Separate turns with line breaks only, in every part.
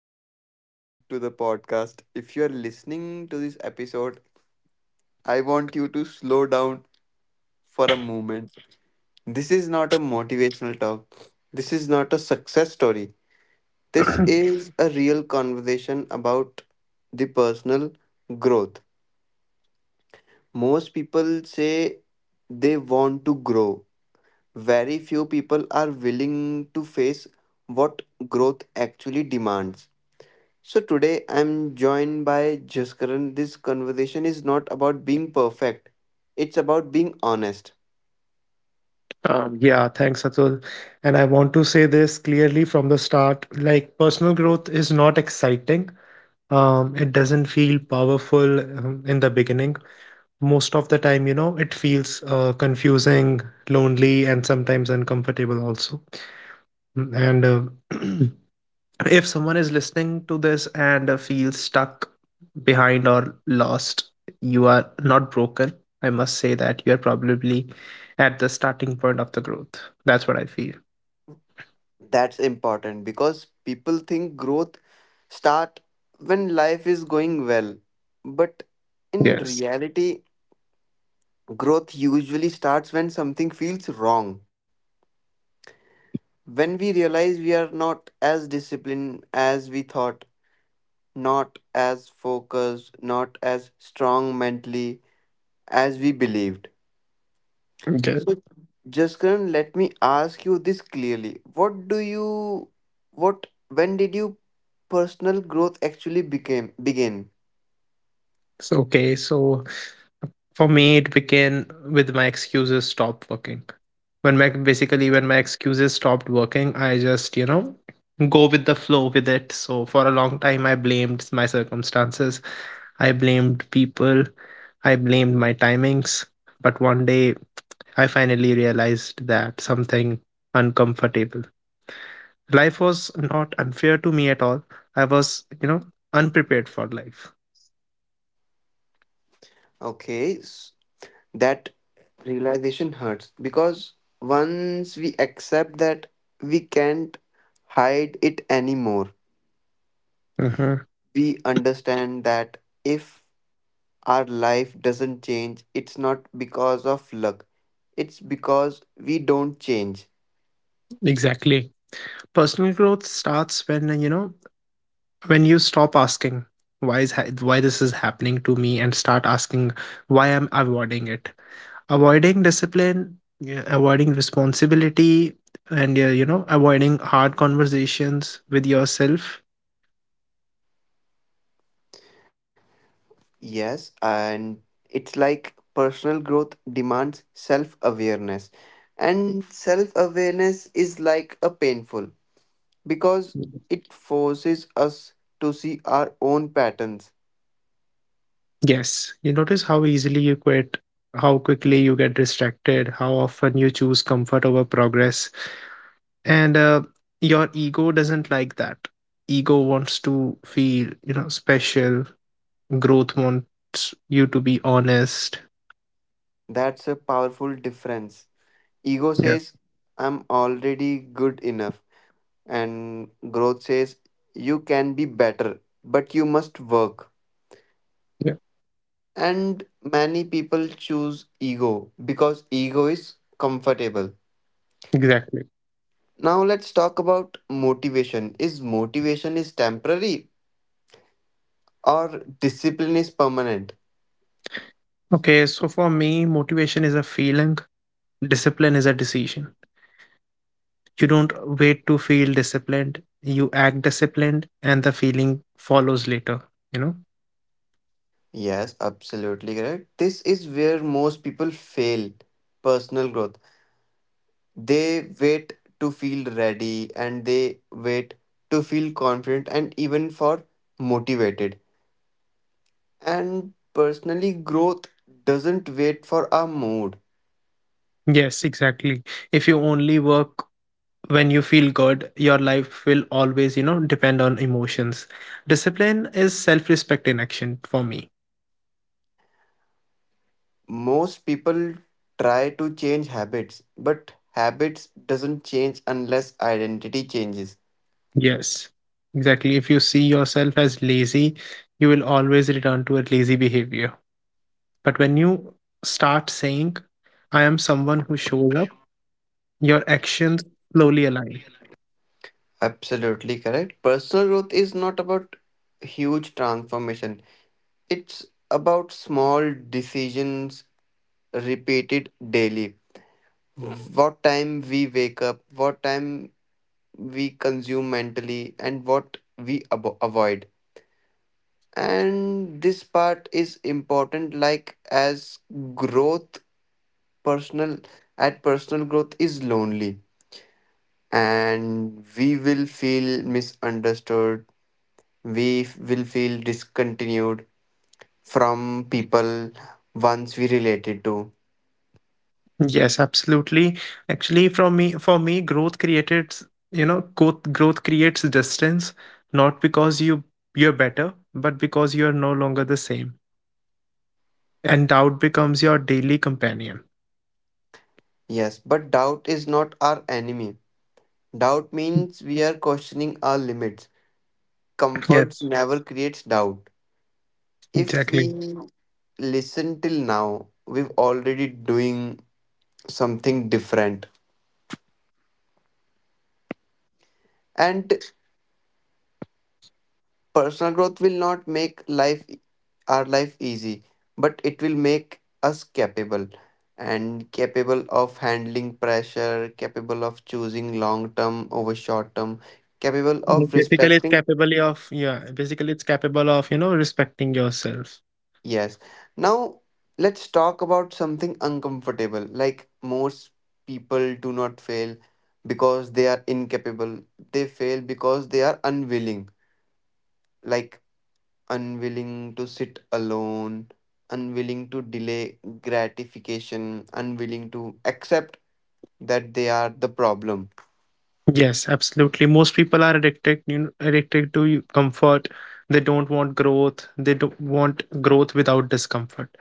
everyone. Welcome to the podcast. If you are listening to this episode, I want you to slow down for a moment. This is not a motivational talk, this is not a success story. This is a real conversation about the personal growth. Most people say they want to grow. Very few people are willing to face what growth actually demands. So today I'm joined by Jaskaran. This conversation is not about being perfect. It's about being honest.
Yeah, thanks, Atul. And I want to say this clearly from the start, like, personal growth is not exciting. It doesn't feel powerful in the beginning. Most of the time, it feels confusing, lonely, and sometimes uncomfortable also. And if someone is listening to this and feels stuck behind or lost, you are not broken. I must say that you are probably at the starting point of the growth. That's what I feel.
That's important because people think growth start when life is going well. But in
Yes.
reality, growth usually starts when something feels wrong. When we realize we are not as disciplined as we thought, not as focused, not as strong mentally as we believed.
Okay.
So, Jaskaran, let me ask you this clearly. What do you, what, when did you personal growth actually became begin?
So for me, it began with my excuses stopped working. When my, basically, when my excuses stopped working, I just, you know, go with the flow with it. So for a long time, I blamed my circumstances, I blamed people, I blamed my timings. But one day I finally realized that, something uncomfortable, life was not unfair to me at all. I was, you know, unprepared for life.
Okay, that realization hurts because once we accept that we can't hide it anymore,
Mm-hmm.
we understand that if our life doesn't change, it's not because of luck, it's because we don't change.
Exactly. Personal growth starts when, you know, when you stop asking why this is happening to me, and start asking why I'm avoiding it. Avoiding discipline, yeah, avoiding responsibility, and you know, avoiding hard conversations with yourself.
Yes, and it's like personal growth demands self awareness. And self awareness is like a painful because it forces us to see our own patterns.
Yes, you notice how easily you quit, how quickly you get distracted, how often you choose comfort over progress. And your ego doesn't like that. Ego wants to feel, you know, special. Growth wants you to be honest.
That's a powerful difference. Ego
Yeah,
says, I'm already good enough, and growth says, you can be better, but you must work.
yeah,
And many people choose ego because ego is comfortable.
exactly.
Now let's talk about motivation. Is motivation is temporary or discipline is permanent?
Okay, so for me, motivation is a feeling, discipline is a decision. You don't wait to feel disciplined, you act disciplined, and the feeling follows later, you know?
Yes, absolutely correct. This is where most people fail personal growth. They wait to feel ready and they wait to feel confident and even for motivated. And personally growth doesn't wait for our mood.
Yes, exactly. If you only work when you feel good, your life will always, you know, depend on emotions. Discipline is self respect in action, for me.
Most people try to change habits, but habits doesn't change unless identity changes.
Yes, exactly. If you see yourself as lazy, you will always return to a lazy behavior. But when you start saying, I am someone who shows up, your actions slowly align.
Absolutely correct, personal growth is not about huge transformation, it's about small decisions repeated daily. What time we wake up, what time we consume mentally, and what we avoid. And this part is important, like as growth personal at personal growth is lonely and we will feel misunderstood, we will feel discontinued from people once we related to.
Yes, absolutely. Actually, from me, for me, growth created, you know, growth, creates distance, not because you're better, but because you are no longer the same. And doubt becomes your daily companion.
Yes, but doubt is not our enemy. Doubt means we are questioning our limits. Comforts
Yes,
never creates doubt. If we
exactly.
listen till now, we've already doing something different. And personal growth will not make life our life easy, but it will make us capable, and capable of handling pressure, capable of choosing long term over short term, capable
Yes,
of
basically, it's
respecting.
capable of, yeah, basically it's capable of, you know, respecting yourself.
Yes. Now let's talk about something uncomfortable. Like most people do not fail because they are incapable. They fail because they are unwilling. Like unwilling to sit alone, unwilling to delay gratification, unwilling to accept that they are the problem.
Yes, absolutely. Most people are addicted, you know, addicted to comfort. They don't want growth. They don't want growth without discomfort.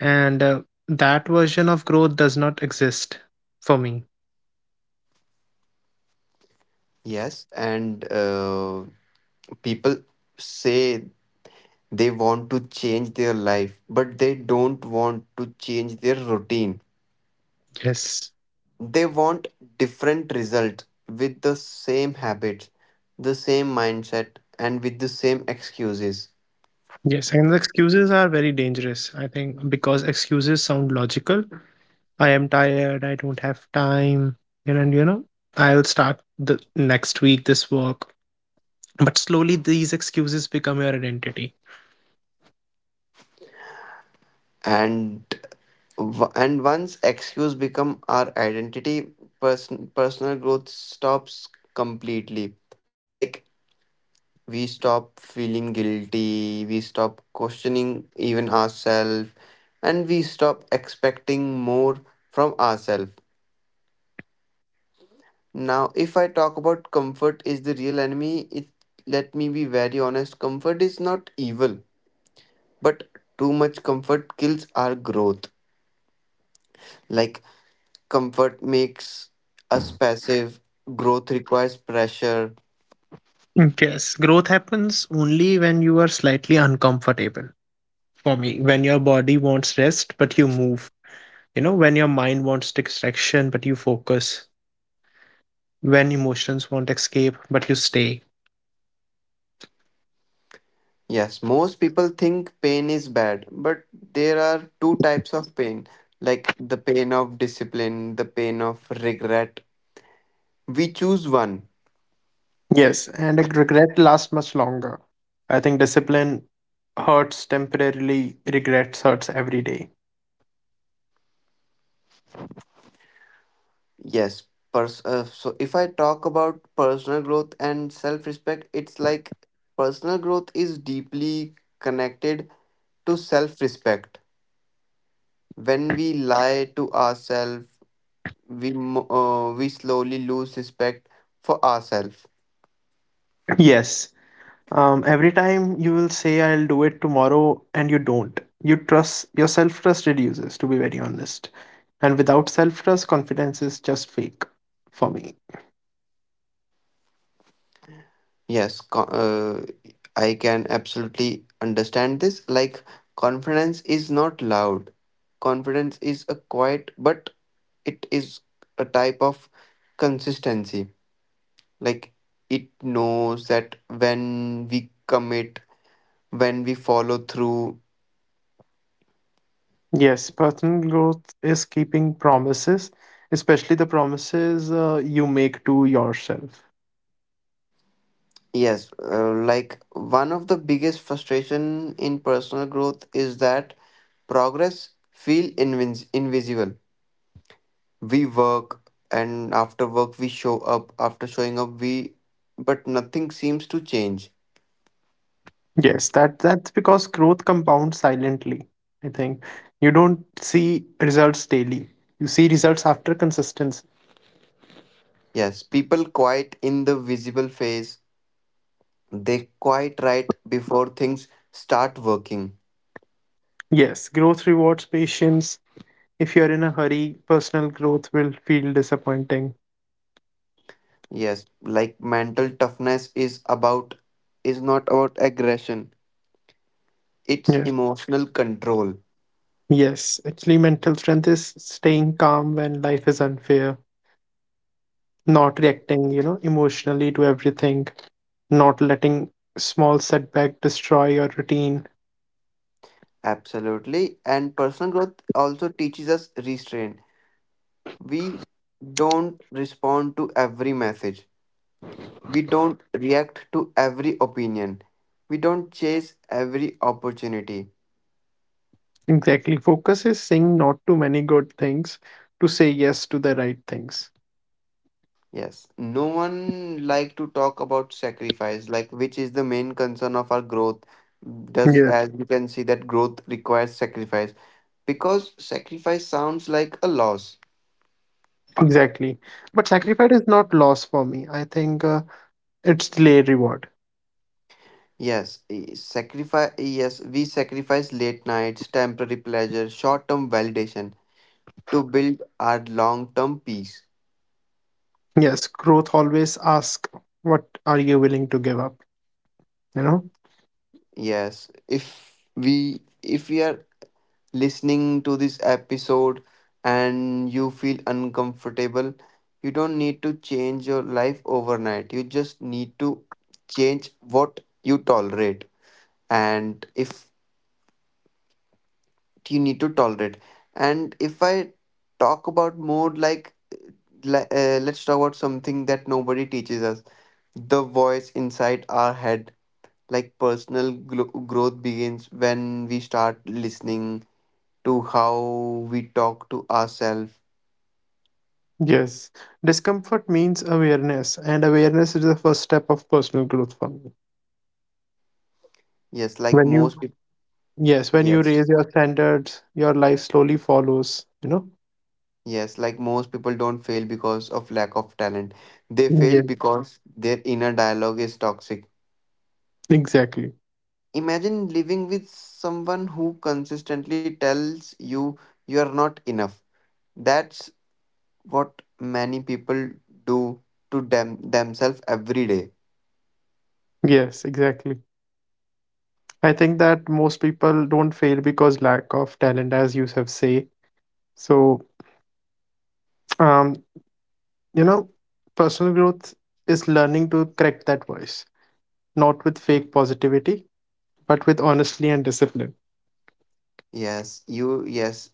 And that version of growth does not exist, for me.
Yes, and people say they want to change their life, but they don't want to change their routine.
Yes.
They want different results with the same habits, the same mindset, and with the same excuses.
Yes, and the excuses are very dangerous, I think, because excuses sound logical. I am tired, I don't have time, and, you know, I'll start the next week this work. But slowly these excuses become your identity.
And once excuse become our identity personal growth stops completely. Like we stop feeling guilty, we stop questioning even ourselves, and we stop expecting more from ourselves. Now if I talk about comfort is the real enemy, it, let me be very honest, comfort is not evil, but too much comfort kills our growth. Like comfort makes us passive, growth requires pressure.
Yes, growth happens only when you are slightly uncomfortable. For me, when your body wants rest but you move, you know, when your mind wants distraction but you focus, when emotions won't escape, but you stay.
Yes, most people think pain is bad, but there are two types of pain, like the pain of discipline, the pain of regret, we choose one.
Yes, and a regret lasts much longer. I think discipline hurts temporarily, regrets hurts every day.
Yes, so if I talk about personal growth and self respect, it's like personal growth is deeply connected to self respect. When we lie to ourselves, we slowly lose respect for ourselves.
Yes, every time you will say, I'll do it tomorrow, and you don't. You trust, your self trust reduces, to be very honest. And without self trust, confidence is just fake, for me.
Yes, I can absolutely understand this. Like confidence is not loud, confidence is a quiet, but it is a type of consistency. Like it knows that when we commit, when we follow through.
Yes, personal growth is keeping promises, especially the promises you make to yourself.
Yes, like one of the biggest frustration in personal growth is that progress feel invisible. We work, and after work we show up, after showing up we, but nothing seems to change.
Yes, that's because growth compounds silently. I think you don't see results daily. You see results after consistency.
Yes, people quiet in the visible phase. They quiet right before things start working.
Yes, growth rewards patience. If you're in a hurry, personal growth will feel disappointing.
Yes, like mental toughness is about, is not about aggression. It's
Yeah.
emotional control.
Yes, actually, mental strength is staying calm when life is unfair, not reacting, you know, emotionally to everything, not letting small setback destroy your routine.
Absolutely. And personal growth also teaches us restraint. We don't respond to every message. We don't react to every opinion. We don't chase every opportunity.
Exactly. Focus is saying not to many good things, to say yes to the right things.
Yes. No one like to talk about sacrifice, like which is the main concern of our growth. Thus,
Yes,
as we can see that growth requires sacrifice because sacrifice sounds like a loss.
exactly. But sacrifice is not loss, for me. I think it's delayed reward.
Yes, e, sacrifice. Yes, we sacrifice late nights, temporary pleasure, short-term validation to build our long-term peace.
Yes, growth always ask, what are you willing to give up, you know?
Yes, if we are listening to this episode and you feel uncomfortable, you don't need to change your life overnight. You just need to change what you tolerate. And if you need to tolerate, and if I talk about more, like let's talk about something that nobody teaches us, the voice inside our head. Like personal growth begins when we start listening to how we talk to ourselves.
Yes. Discomfort means awareness, and awareness is the first step of personal growth, for me.
yes like
When you
most people
Yes, when you
yes,
raise your standards, your life slowly follows, you know?
yes, like most people don't fail because of lack of talent, they fail
Yes,
because their inner dialogue is toxic.
exactly.
Imagine living with someone who consistently tells you you are not enough. That's what many people do to them themselves every day.
Yes, exactly. I think that most people don't fail because lack of talent, as you have say. So, um, you know, personal growth is learning to correct that voice, not with fake positivity, but with honesty and discipline.
Yes,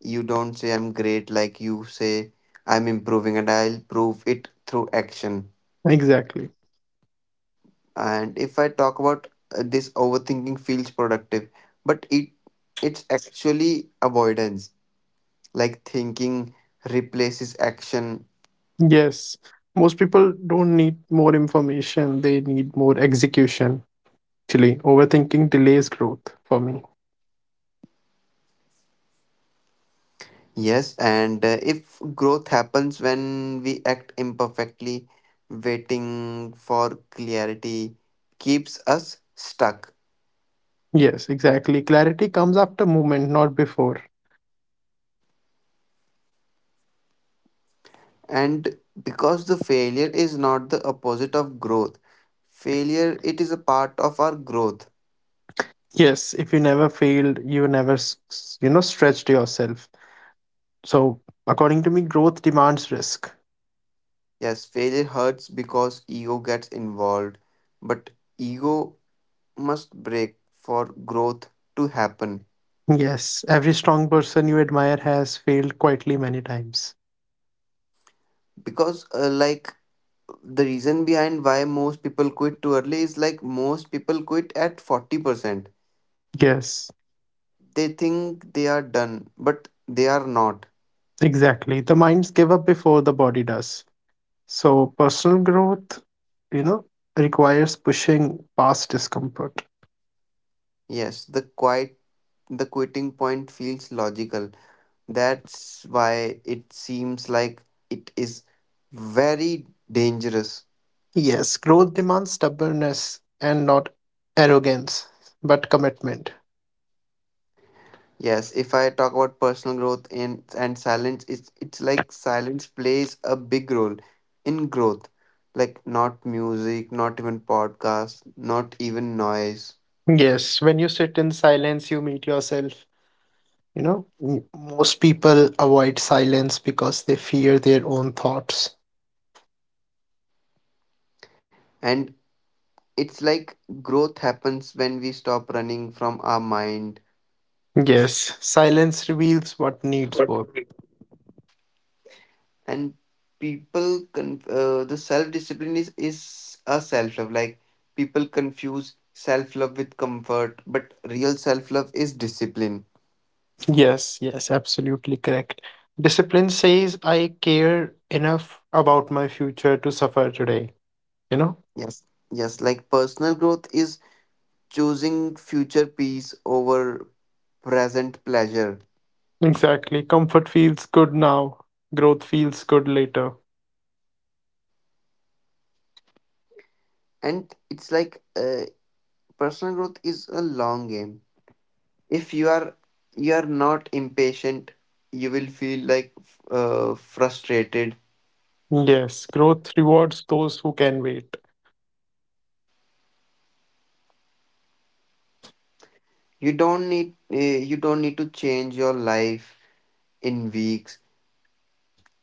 you don't say I'm great, like you say I'm improving and I'll prove it through action.
Exactly.
And if I talk about this overthinking feels productive, but it's actually avoidance. Like thinking replaces action.
Yes. Most people don't need more information, they need more execution. Actually, overthinking delays growth, for me.
Yes, and if growth happens when we act imperfectly, waiting for clarity keeps us stuck.
Yes, exactly. Clarity comes after movement, not before.
And because the failure is not the opposite of growth, failure it is a part of our growth.
Yes, if you never failed, you never, you know, stretched yourself. So, according to me, growth demands risk.
Yes, failure hurts because ego gets involved, but ego must break for growth to happen.
Yes, every strong person you admire has failed quietly many times.
Because like the reason behind why most people quit too early is like most people quit at 40%.
Yes,
They think they are done, but they are not.
exactly. The minds give up before the body does. So, personal growth, you know, requires pushing past discomfort.
Yes, the quitting point feels logical. That's why it seems like it is very dangerous.
Yes, growth demands stubbornness, and not arrogance, but commitment.
Yes, if I talk about personal growth and silence, it's like silence plays a big role in growth. Like not music, not even podcast, not even noise.
Yes, when you sit in silence, you meet yourself. You know, most people avoid silence because they fear their own thoughts.
And it's like growth happens when we stop running from our mind.
Yes, silence reveals what needs
What?
work.
And people, the self discipline is a self love. Like people confuse self love with comfort, but real self love is discipline.
Yes, yes, absolutely correct. Discipline says, I care enough about my future to suffer today. You know,
Yes, yes, like personal growth is choosing future peace over present pleasure.
exactly. Comfort feels good now, growth feels good later.
And it's like personal growth is a long game. If you are You are not impatient, you will feel like frustrated.
Yes, growth rewards those who can wait.
You don't need uh, you don't need to change your life in weeks,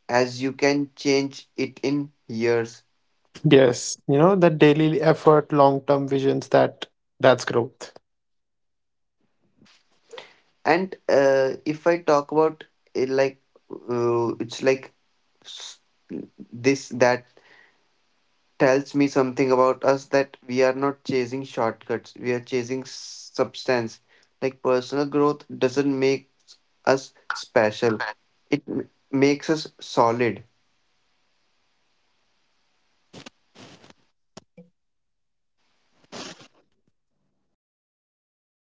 as you can change it in years.
Yes, you know, that daily effort, long term visions, that's growth.
And if I talk about uh, like it's like s- this that tells me something about us, that we are not chasing shortcuts, we are chasing substance. Like personal growth doesn't make us special, it makes us solid.